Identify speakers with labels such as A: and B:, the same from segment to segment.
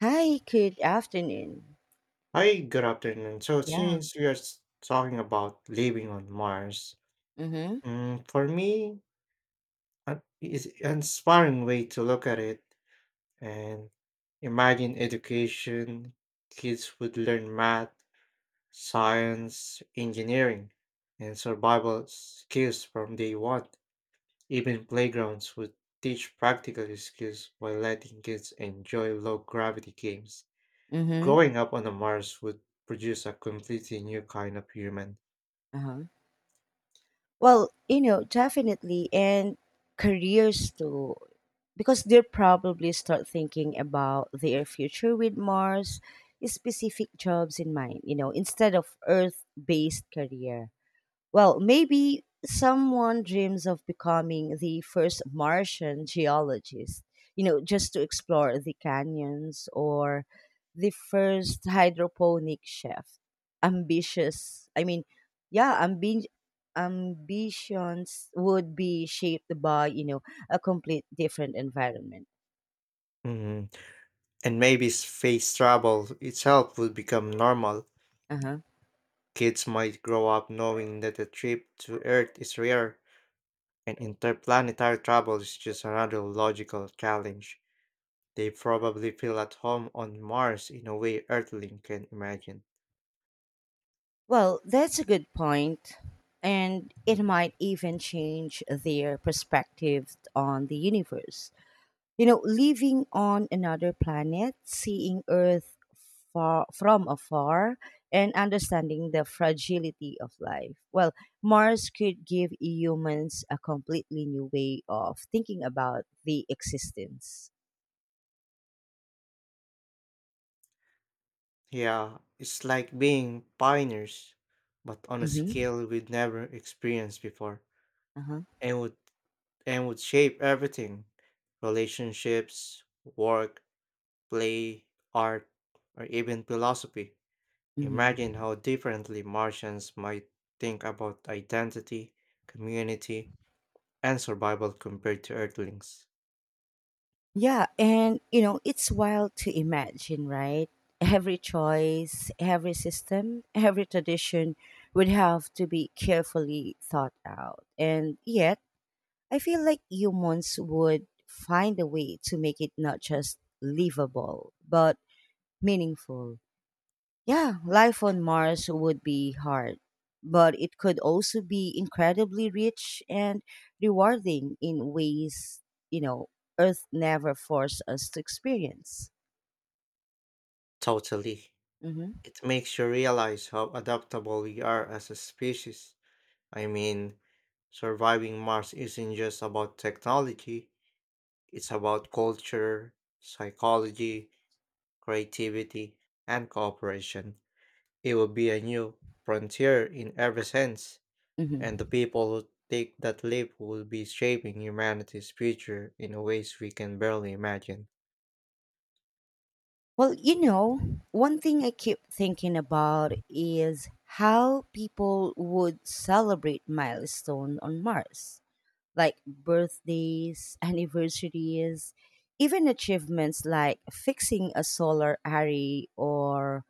A: Hi, good afternoon.
B: Hi, good afternoon. So,
A: Yeah.
B: since we are s- Talking about living on Mars,
A: Mm-hmm.
B: for me, it's an inspiring way to look at it and imagine education. Kids would learn math, science, engineering, and survival skills from day one. Even playgrounds would teach practical skills while letting kids enjoy low gravity games.
A: Mm-hmm.
B: Growing up on a Mars would produce a completely new kind of human.
A: Uh-huh. Well, definitely and careers too. Because they'll probably start thinking about their future with Mars, specific jobs in mind, you know, instead of Earth based career. Well, maybe someone dreams of becoming the first Martian geologist, you know, just to explore the canyons or the first hydroponic chef. Ambitious, I mean, yeah, ambitions would be shaped by, a complete different environment.
B: Mhm. And maybe space travel itself would become normal.
A: Uh-huh.
B: Kids might grow up knowing that a trip to Earth is rare, and interplanetary travel is just another logical challenge. They probably feel at home on Mars in a way Earthling can imagine.
A: Well, that's a good point. And it might even change their perspective on the universe. You know, living on another planet, seeing Earth from afar, and understanding the fragility of life. Well, Mars could give humans a completely new way of thinking about the existence.
B: Yeah, it's like being pioneers, but on a
A: Mm-hmm.
B: scale we'd never experienced before,
A: Uh-huh.
B: and would and would shape everything, relationships, work, play, art, or even philosophy.
A: Mm-hmm.
B: Imagine how differently Martians might think about identity, community, and survival compared to Earthlings.
A: Yeah, and you know, it's wild to imagine, right? Every choice, every system, every tradition would have to be carefully thought out. And yet, I feel like humans would find a way to make it not just livable, but meaningful. Yeah, life on Mars would be hard, but it could also be incredibly rich and rewarding in ways, you know, Earth never forced us to experience.
B: Totally.
A: Hmm.
B: It makes you realize how adaptable we are as a species. I mean, surviving Mars isn't just about technology, it's about culture, psychology, creativity, and cooperation. It will be a new frontier in every sense.
A: Hmm.
B: And the people who take that leap will be shaping humanity's future in a ways we can barely imagine.
A: Well, you know, one thing I keep thinking about is how people would celebrate milestone on Mars like birthdays, anniversaries, even achievements like fixing a solar array or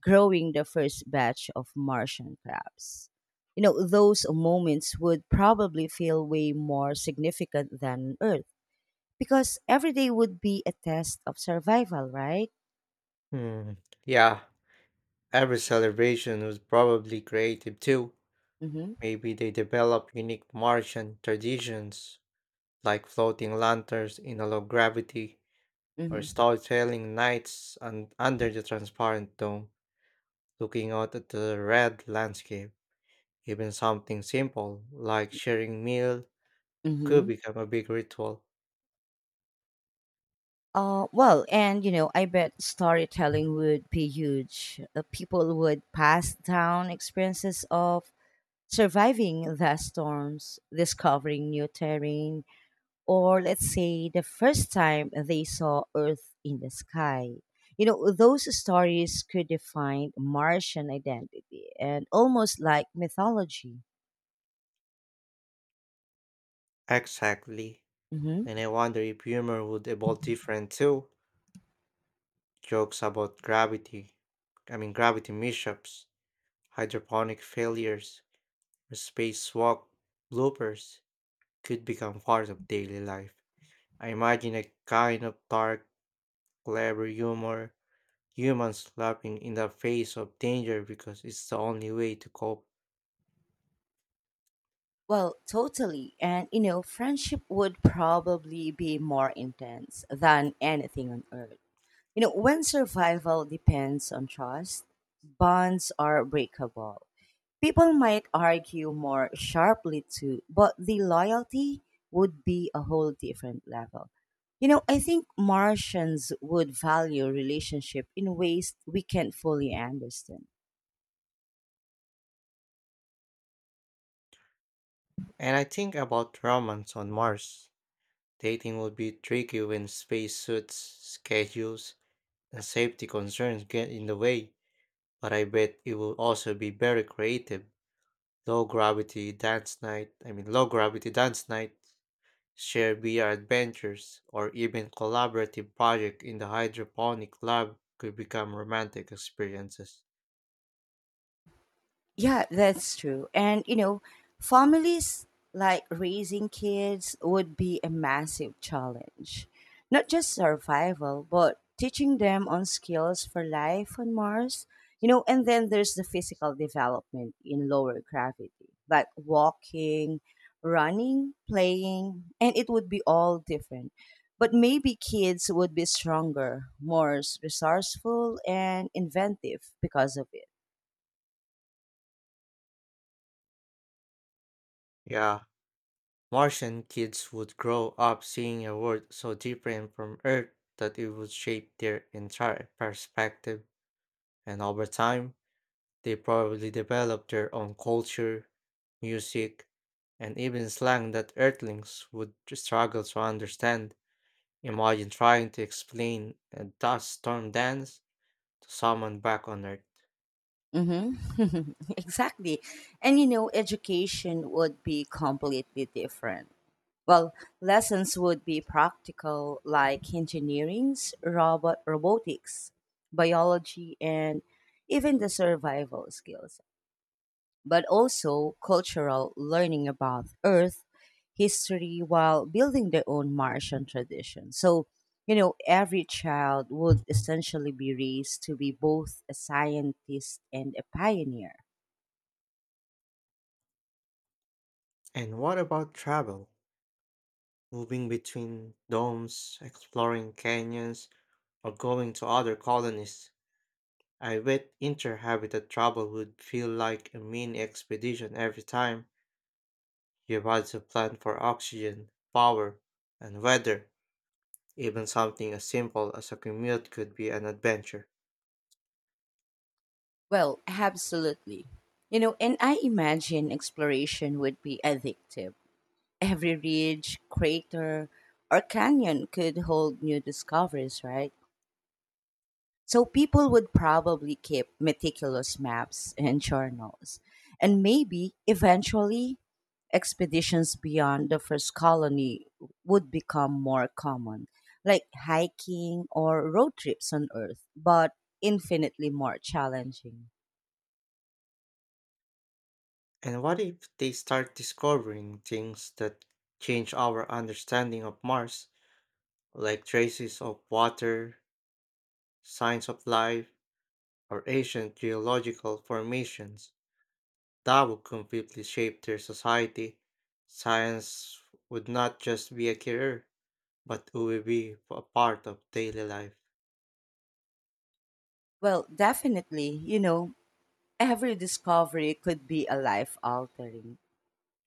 A: growing the first batch of Martian crabs. You know, those moments would probably feel way more significant than Earth because every day would be a test of survival, right?
B: Hmm. Yeah, every celebration was probably creative too.
A: Mm-hmm.
B: Maybe they develop unique Martian traditions like floating lanterns in a low gravity or
A: Mm-hmm.
B: storytelling nights under the transparent dome, looking out at the red landscape. Even something simple like sharing meal could
A: Mm-hmm.
B: become a big ritual.
A: Well, and you know, I bet storytelling would be huge. People would pass down experiences of surviving the storms, discovering new terrain, or let's say the first time they saw Earth in the sky. You know, those stories could define Martian identity and almost like mythology.
B: Exactly.
A: Hmm.
B: And I wonder if humor would evolve different too. Jokes about gravity, I mean gravity mishaps, hydroponic failures, or spacewalk bloopers could become part of daily life. I imagine a kind of dark, clever humor, humans laughing in the face of danger because it's the only way to cope.
A: Well, totally. And, you know, friendship would probably be more intense than anything on Earth. You know, when survival depends on trust, bonds are breakable. People might argue more sharply too, but the loyalty would be a whole different level. You know, I think Martians would value relationship in ways we can't fully understand.
B: And I think about romance on Mars. Dating would be tricky when spacesuits, schedules, and safety concerns get in the way. But I bet it will also be very creative. Low gravity dance night, share VR adventures, or even collaborative project in the hydroponic lab could become romantic experiences.
A: Yeah, that's true. And you know, families like raising kids would be a massive challenge. Not just survival, but teaching them on skills for life on Mars. You know, and then there's the physical development in lower gravity, like walking, running, playing, and it would be all different. But maybe kids would be stronger, more resourceful, and inventive because of it.
B: Yeah, Martian kids would grow up seeing a world so different from Earth that it would shape their entire perspective, and over time, they probably developed their own culture, music, and even slang that Earthlings would struggle to understand. Imagine trying to explain a dust storm dance to someone back on Earth.
A: Mm-hmm. Exactly. And you know, education would be completely different. Well, lessons would be practical, like engineering's, robotics, biology, and even the survival skills, but also cultural learning about Earth history while building their own Martian tradition. So, you know, every child would essentially be raised to be both a scientist and a pioneer.
B: And what about travel? Moving between domes, exploring canyons, or going to other colonies. I bet interhabitat travel would feel like a mini expedition every time. You've had to plan for oxygen, power, and weather. Even something as simple as a commute could be an adventure.
A: Well, absolutely. You know, and I imagine exploration would be addictive. Every ridge, crater, or canyon could hold new discoveries, right? So people would probably keep meticulous maps and journals, and maybe eventually expeditions beyond the first colony would become more common, like hiking or road trips on Earth, but infinitely more challenging.
B: And what if they start discovering things that change our understanding of Mars, like traces of water, signs of life, or ancient geological formations? That would completely shape their society. Science would not just be a career, but it would be a part of daily life.
A: Well, definitely, you know, every discovery could be a life altering,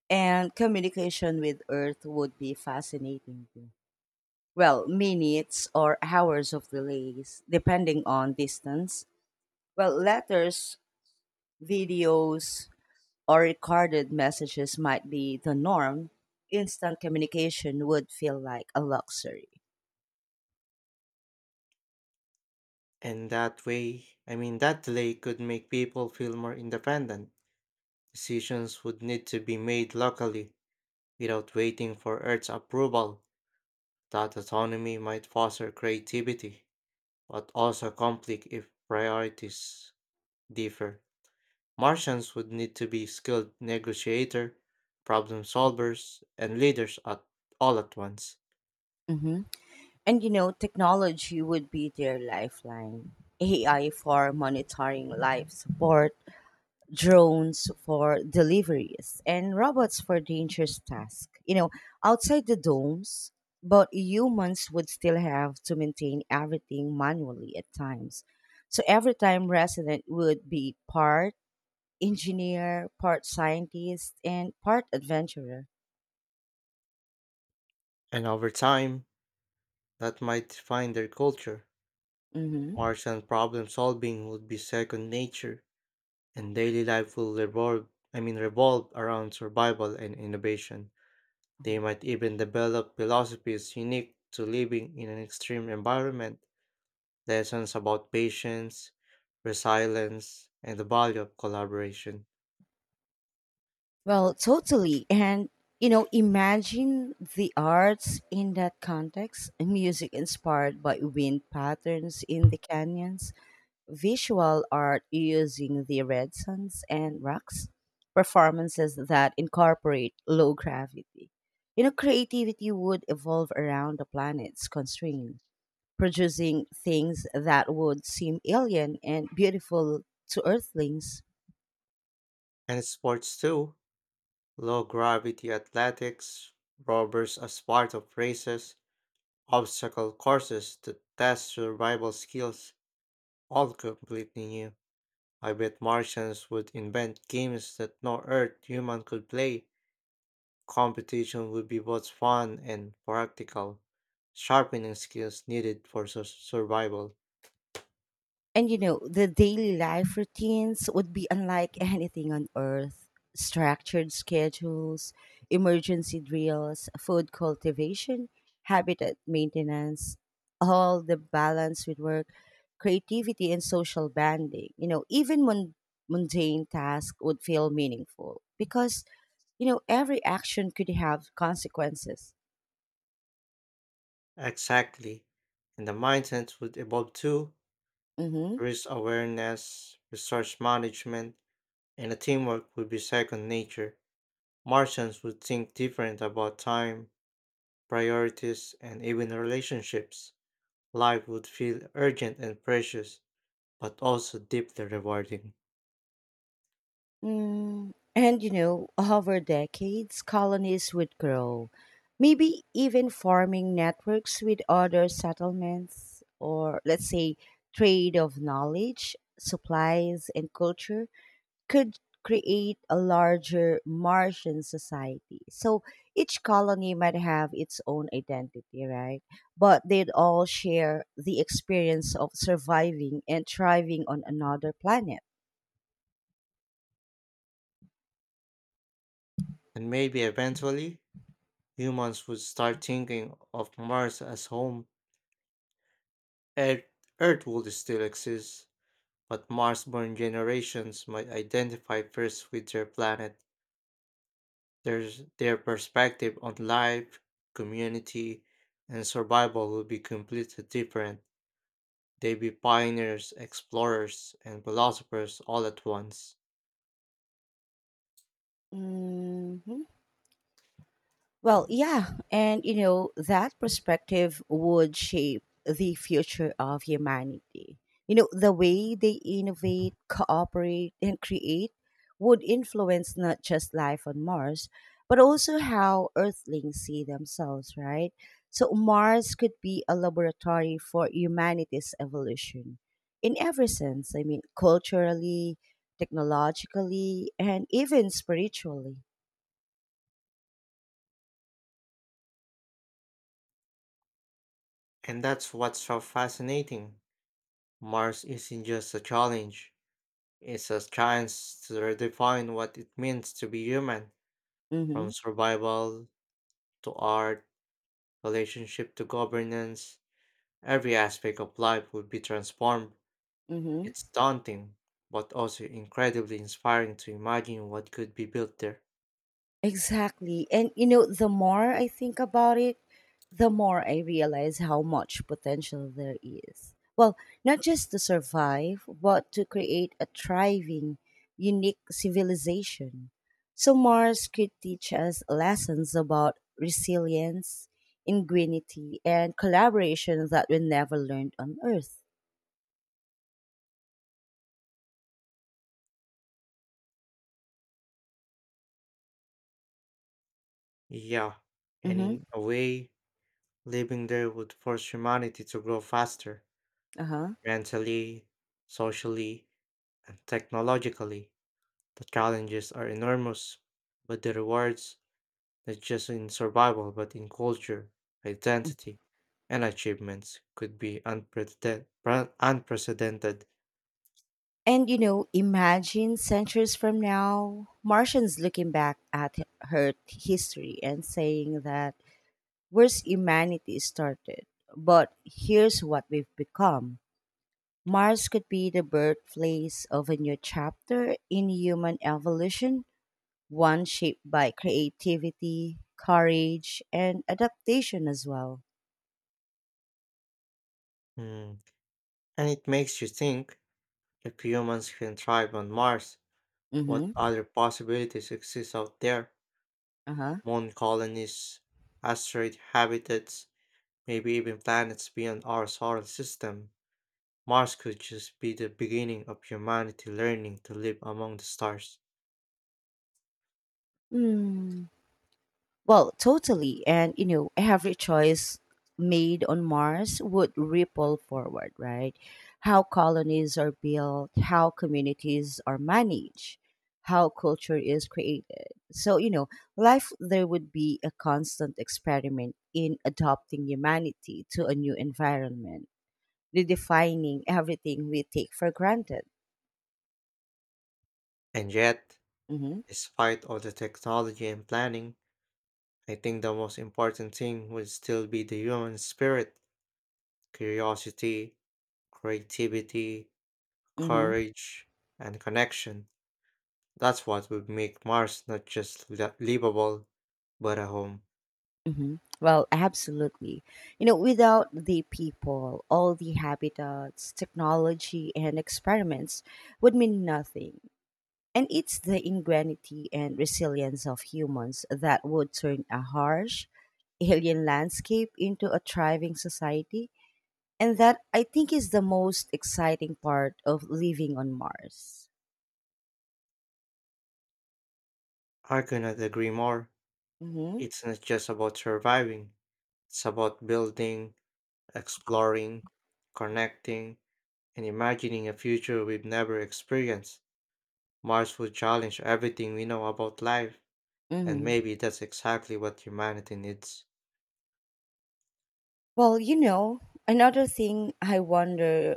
A: and communication with Earth would be fascinating too. Well, minutes or hours of delays, depending on distance. Well, letters, videos, or recorded messages might be the norm. Instant communication would feel like a luxury.
B: And that way, I mean, that delay could make people feel more independent. Decisions would need to be made locally without waiting for Earth's approval. That autonomy might foster creativity, but also conflict if priorities differ. Martians would need to be skilled negotiator, problem solvers, and leaders at all at once.
A: Mhm. And you know, technology would be their lifeline. AI for monitoring life support, drones for deliveries, and robots for dangerous tasks. You know, outside the domes, but humans would still have to maintain everything manually at times. So every time resident would be part engineer, part scientist, and part adventurer.
B: And over time, that might define their culture.
A: Mm-hmm.
B: Martian problem solving would be second nature, and daily life will revolve I mean revolve around survival and innovation. They might even develop philosophies unique to living in an extreme environment, lessons about patience, resilience, and the value of collaboration.
A: Well, totally. And, you know, imagine the arts in that context music inspired by wind patterns in the canyons, visual art using the red suns and rocks, performances that incorporate low gravity. You know, creativity would evolve around the planet's constraint, producing things that would seem alien and beautiful to Earthlings.
B: And sports too, low gravity athletics, rovers as part of races, obstacle courses to test survival skills, all completely new. I bet Martians would invent games that no Earth human could play. Competition would be both fun and practical, sharpening skills needed for survival.
A: And you know, the daily life routines would be unlike anything on earth. Structured schedules, emergency drills, food cultivation, habitat maintenance, all the balance with work, creativity, and social bonding. You know, even mundane tasks would feel meaningful because, you know, every action could have consequences.
B: Exactly. And the mindset would evolve too.
A: Mhm.
B: Risk awareness, resource management, and the teamwork would be second nature. Martians would think different about time, priorities, and even relationships. Life would feel urgent and precious, but also deeply rewarding.
A: Mm, and you know, over decades, colonies would grow, maybe even forming networks with other settlements, or let's say, trade of knowledge, supplies, and culture could create a larger Martian society. So each colony might have its own identity, right? But they'd all share the experience of surviving and thriving on another planet.
B: And maybe eventually, humans would start thinking of Mars as home. Earth, Earth would still exist, but Mars-born generations might identify first with their planet. There's their perspective on life, community, and survival will be completely different. They'd be pioneers, explorers, and philosophers all at once.
A: Mhm. Well, yeah, and you know, that perspective would shape the future of humanity. You know, the way they innovate, cooperate, and create would influence not just life on Mars, but also how Earthlings see themselves, right? So, Mars could be a laboratory for humanity's evolution in every sense. I mean, culturally, technologically, and even spiritually.
B: And that's what's so fascinating. Mars isn't just a challenge, it's a chance to redefine what it means to be human.
A: Mm
B: From
A: hmm.
B: survival to art, relationship to governance, every aspect of life would be transformed.
A: Mm hmm.
B: It's daunting, but also incredibly inspiring to imagine what could be built there.
A: Exactly. And you know, the more I think about it, the more I realize how much potential there is. Well, not just to survive, but to create a thriving, unique civilization. So Mars could teach us lessons about resilience, ingenuity, and collaboration that we never learned on Earth.
B: Yeah, and
A: Mm-hmm.
B: in a way, living there would force humanity to grow faster,
A: Uh-huh.
B: mentally, socially, and technologically. The challenges are enormous, but the rewards not just in survival but in culture, identity, and achievements could be unprecedented.
A: And you know, imagine centuries from now, Martians looking back at Earth history and saying that where's humanity started, but here's what we've become. Mars could be the birthplace of a new chapter in human evolution, one shaped by creativity, courage, and adaptation as well.
B: Mm. And it makes you think if humans can thrive on Mars, what
A: Mm-hmm.
B: other possibilities exist out there?
A: Uh-huh.
B: Moon colonies, asteroid habitats, maybe even planets beyond our solar system. Mars could just be the beginning of humanity learning to live among the stars.
A: Hmm. Well, totally. And, you know, every choice made on Mars would ripple forward, right? How colonies are built, how communities are managed, how culture is created. So, you know, life there would be a constant experiment in adopting humanity to a new environment, redefining everything we take for granted.
B: And yet,
A: Mm-hmm.
B: despite all the technology and planning, I think the most important thing would still be the human spirit, curiosity, creativity,
A: Mm-hmm.
B: courage, and connection. That's what would make Mars not just livable, but a home.
A: Hmm. Well, absolutely. You know, without the people, all the habitats, technology, and experiments would mean nothing. And it's the ingenuity and resilience of humans that would turn a harsh, alien landscape into a thriving society. And that I think is the most exciting part of living on Mars.
B: I could not agree more.
A: Hmm.
B: It's not just about surviving, it's about building, exploring, connecting, and imagining a future we've never experienced. Mars would challenge everything we know about life, and
A: Hmm.
B: maybe that's exactly what humanity needs.
A: Well, you know, another thing I wonder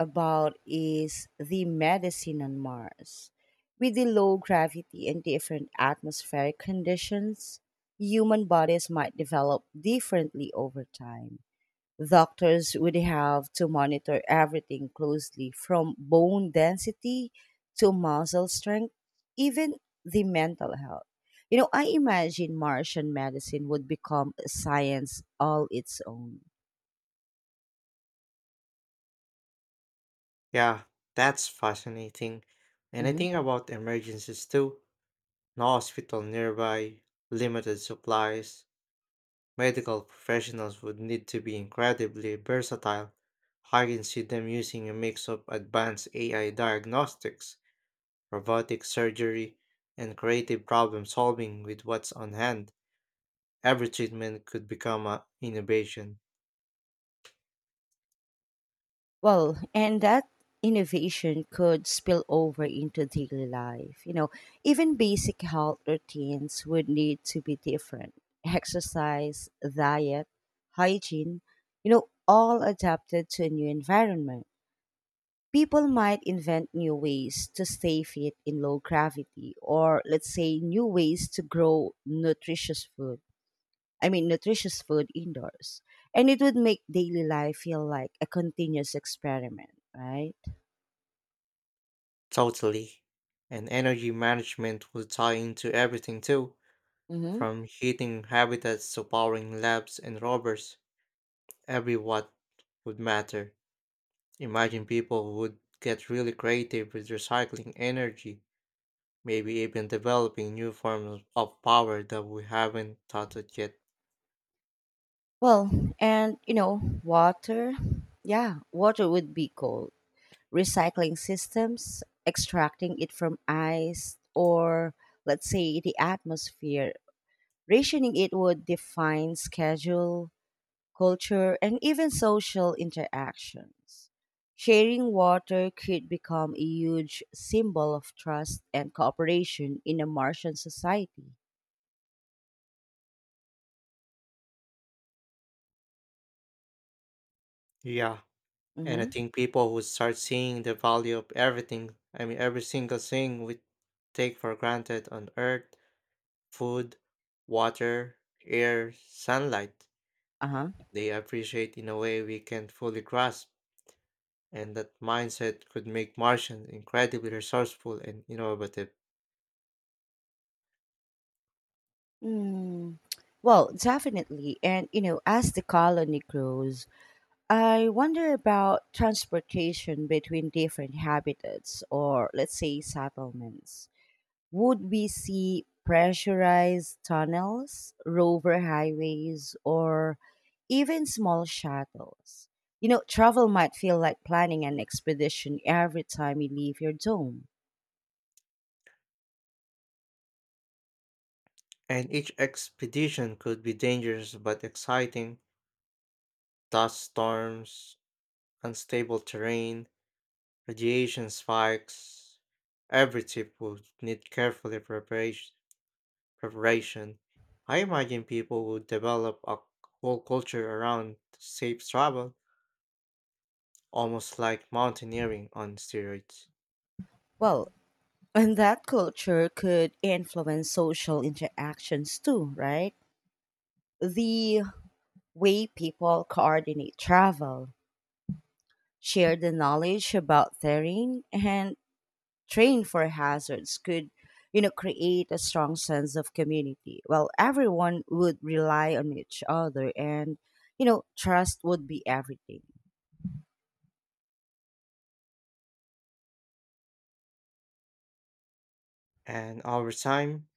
A: about is the medicine on Mars. With the low gravity and different atmospheric conditions, human bodies might develop differently over time. Doctors would have to monitor everything closely from bone density to muscle strength, even the mental health. You know, I imagine Martian medicine would become a science all its own.
B: Yeah, that's fascinating. And I
A: Mm-hmm.
B: think about emergencies too. No hospital nearby, limited supplies. Medical professionals would need to be incredibly versatile. I can see them using a mix of advanced AI diagnostics, robotic surgery, and creative problem solving with what's on hand. Every treatment could become an innovation.
A: Well, and that innovation could spill over into daily life. You know, even basic health routines would need to be different. Exercise, diet, hygiene, you know, all adapted to a new environment. People might invent new ways to stay fit in low gravity, or let's say new ways to grow nutritious food. I mean, nutritious food indoors. And it would make daily life feel like a continuous experiment, right?
B: Totally. And energy management would tie into everything too.
A: Mm-hmm.
B: From heating habitats to powering labs and robbers, every watt would matter. Imagine people would get really creative with recycling energy, maybe even developing new forms of power that we haven't thought of yet.
A: Well, and you know, water. Yeah, water would be cold. Recycling systems, extracting it from ice or let's say the atmosphere. Rationing it would define schedule culture, and even social interactions. Sharing water could become a huge symbol of trust and cooperation in a Martian society.
B: Yeah, and I
A: Mm-hmm.
B: think people would start seeing the value of everything. I mean, every single thing we take for granted on Earth, food, water, air, sunlight.
A: Uh huh.
B: They appreciate in a way we can't fully grasp. And that mindset could make Martians incredibly resourceful and innovative.
A: Mm. Well, definitely. And, you know, as the colony grows, I wonder about transportation between different habitats or, let's say, settlements. Would we see pressurized tunnels, rover highways, or even small shuttles? You know, travel might feel like planning an expedition every time you leave your dome.
B: And each expedition could be dangerous but exciting, dust storms, unstable terrain, radiation spikes. Every trip would need careful preparation. I imagine people would develop a whole culture around safe travel, almost like mountaineering on steroids.
A: Well, and that culture could influence social interactions too, right? The way people coordinate travel, share the knowledge about terrain, and trained for hazards could, you know, create a strong sense of community. Well, everyone would rely on each other and, you know, trust would be everything.
B: And over time,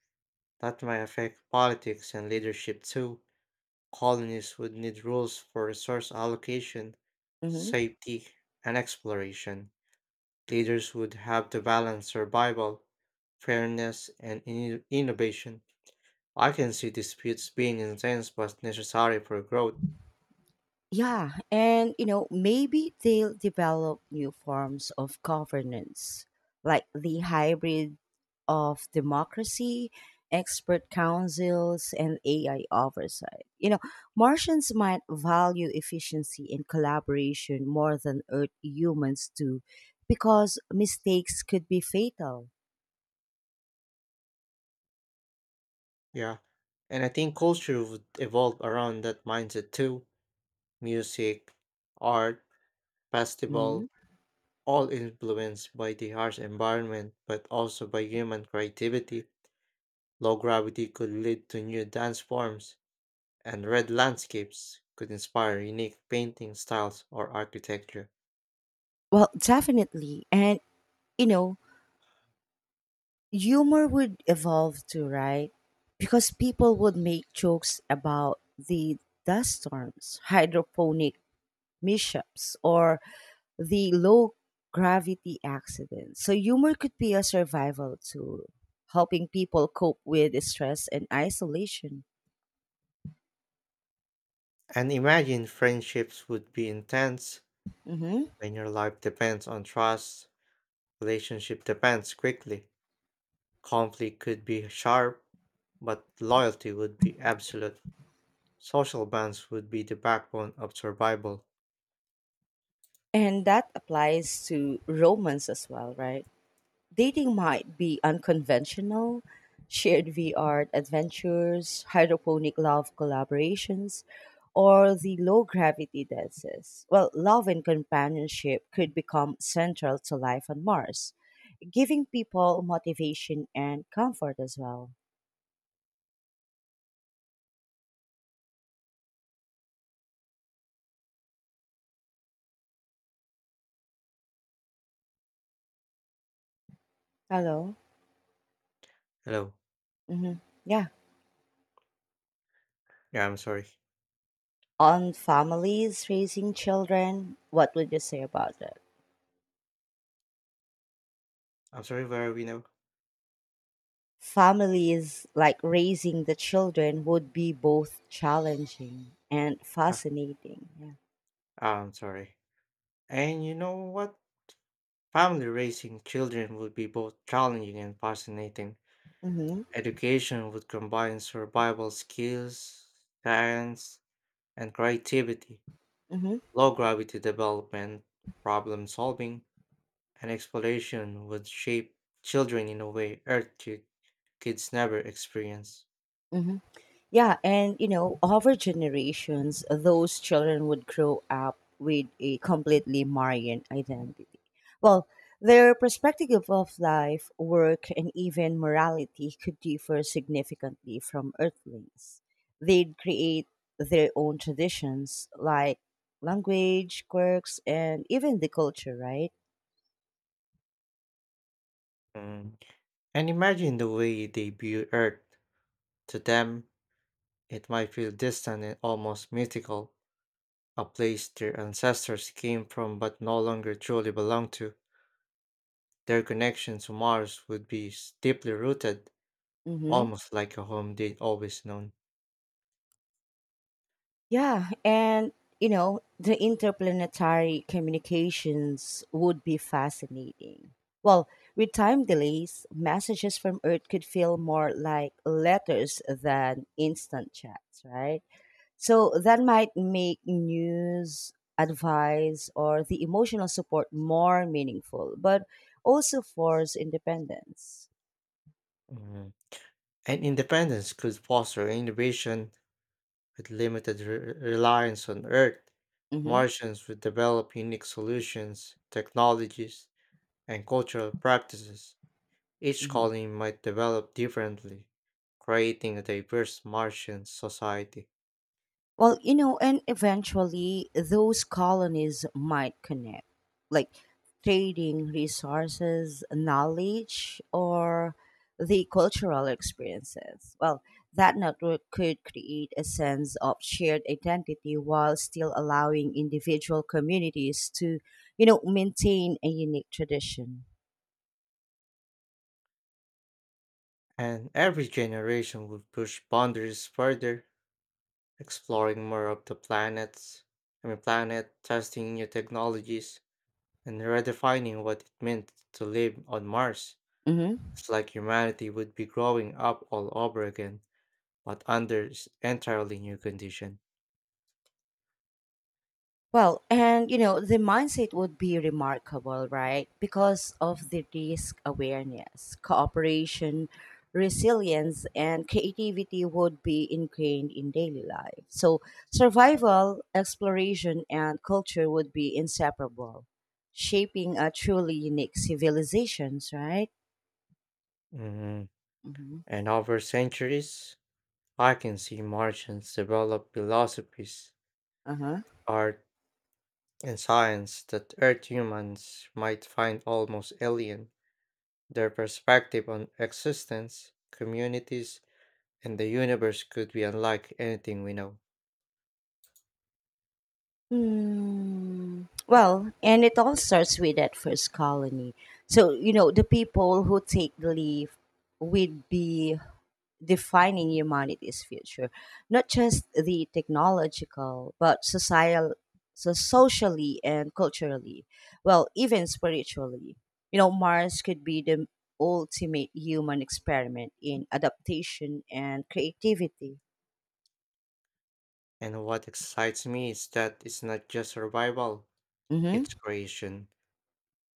B: that might affect politics and leadership too. Colonies would need rules for resource allocation,
A: Mhm.
B: safety, and exploration. Leaders would have to balance survival, fairness, and innovation. I can see disputes being intense but necessary for growth.
A: Yeah, and you know, maybe they'll develop new forms of governance, like the hybrid of democracy, expert councils, and AI oversight. You know, Martians might value efficiency and collaboration more than Earth humans do because mistakes could be fatal.
B: Yeah, and I think culture would evolve around that mindset too. Music, art,
A: Mhm.
B: festival, all influenced by the harsh environment but also by human creativity. Low gravity could lead to new dance forms, and red landscapes could inspire unique painting styles or architecture.
A: Well, definitely. And, you know, humor would evolve too, right? Because people would make jokes about the dust storms, hydroponic mishaps, or the low gravity accidents. So humor could be a survival tool, helping people cope with stress and isolation.
B: And imagine friendships would be intense
A: Hmm.
B: when your life depends on trust, relationship depends quickly. Conflict could be sharp, but loyalty would be absolute. Social bonds would be the backbone of survival.
A: And that applies to romance as well, right? Dating might be unconventional shared VR adventures, hydroponic love collaborations, or the low gravity dances. Well, love and companionship could become central to life on Mars, giving people motivation and comfort as well. Hello?
B: Hello.
A: Hmm. Yeah.
B: Yeah, I'm sorry.
A: On families raising children, what would you say about it?
B: I'm sorry, where are we now?
A: Families like raising the children would be both challenging and
B: Ah,
A: fascinating. Yeah.
B: I'm sorry. And you know what? Family raising children would be both challenging and fascinating.
A: Mm-hmm.
B: Education would combine survival skills, science, and creativity.
A: Mm-hmm.
B: Low gravity development, problem solving, and exploration would shape children in a way Earth kids never experience.
A: Mm-hmm. Yeah, and you know, over generations, those children would grow up with a completely Marian identity. Well, their perspective of life, work, and even morality could differ significantly from Earthlings. They'd create their own traditions, like language, quirks, and even the culture, right?
B: Mm. And imagine the way they view Earth. To them, it might feel distant and almost mythical, a place their ancestors came from but no longer truly belong to. Their connection to Mars would be deeply rooted,
A: Mhm.
B: almost like a home they'd always known.
A: Yeah, and you know, the interplanetary communications would be fascinating. Well, with time delays, messages from Earth could feel more like letters than instant chats, right? So that might make news, advice, or the emotional support more meaningful, but also force independence.
B: Mhm. And independence could foster innovation with limited reliance on Earth.
A: Mm-hmm.
B: Martians would develop unique solutions, technologies, and cultural practices. Each
A: Mm-hmm.
B: colony might develop differently, creating a diverse Martian society.
A: Well, you know, and eventually those colonies might connect, like trading resources, knowledge, or the cultural experiences. Well, that network could create a sense of shared identity while still allowing individual communities to, you know, maintain a unique tradition.
B: And every generation would push boundaries further, exploring more of the planets, I mean planet, testing new technologies, and redefining what it meant to live on Mars.
A: Mhm.
B: It's like humanity would be growing up all over again, but under entirely new condition.
A: Well, and you know, the mindset would be remarkable, right? Because of the risk awareness, cooperation, resilience, and creativity would be ingrained in daily life. So, survival, exploration, and culture would be inseparable, shaping a truly unique civilizations, right?
B: Mhm.
A: Mm-hmm.
B: And over centuries, I can see Martians develop philosophies,
A: Uh huh.
B: art, and science that Earth humans might find almost alien. Their perspective on existence, communities, and the universe could be unlike anything we know.
A: Hmm. Well, and it all starts with that first colony. So, you know, the people who take the leave would be defining humanity's future, not just the technological, but societal, so socially and culturally, well, even spiritually. You know, Mars could be the ultimate human experiment in adaptation and creativity.
B: And what excites me is that it's not just survival, it's
A: Mm-hmm.
B: creation.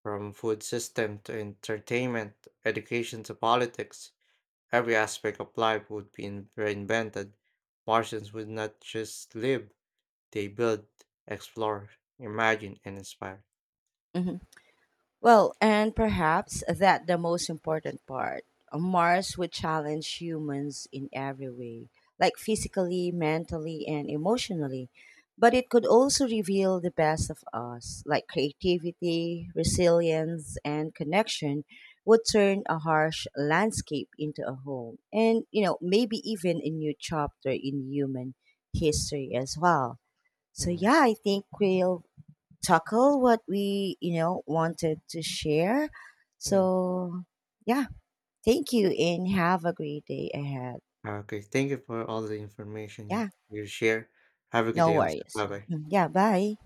B: From food system to entertainment, education to politics, every aspect of life would be reinvented. Martians would not just live, they build, explore, imagine, and inspire.
A: Mm-hmm. Well, and perhaps that the most important part. Mars would challenge humans in every way, like physically, mentally, and emotionally. But it could also reveal the best of us, like creativity, resilience, and connection would turn a harsh landscape into a home and, you know, maybe even a new chapter in human history as well. So,
B: Mhm.
A: yeah, I think we'll tackle what we wanted to share
B: Mhm.
A: so yeah thank you and have a great day ahead.
B: Okay, thank you for all the information
A: Yeah,
B: you share. Have a good
A: no
B: day also.
A: worries.
B: Bye bye.
A: Mm, yeah, bye.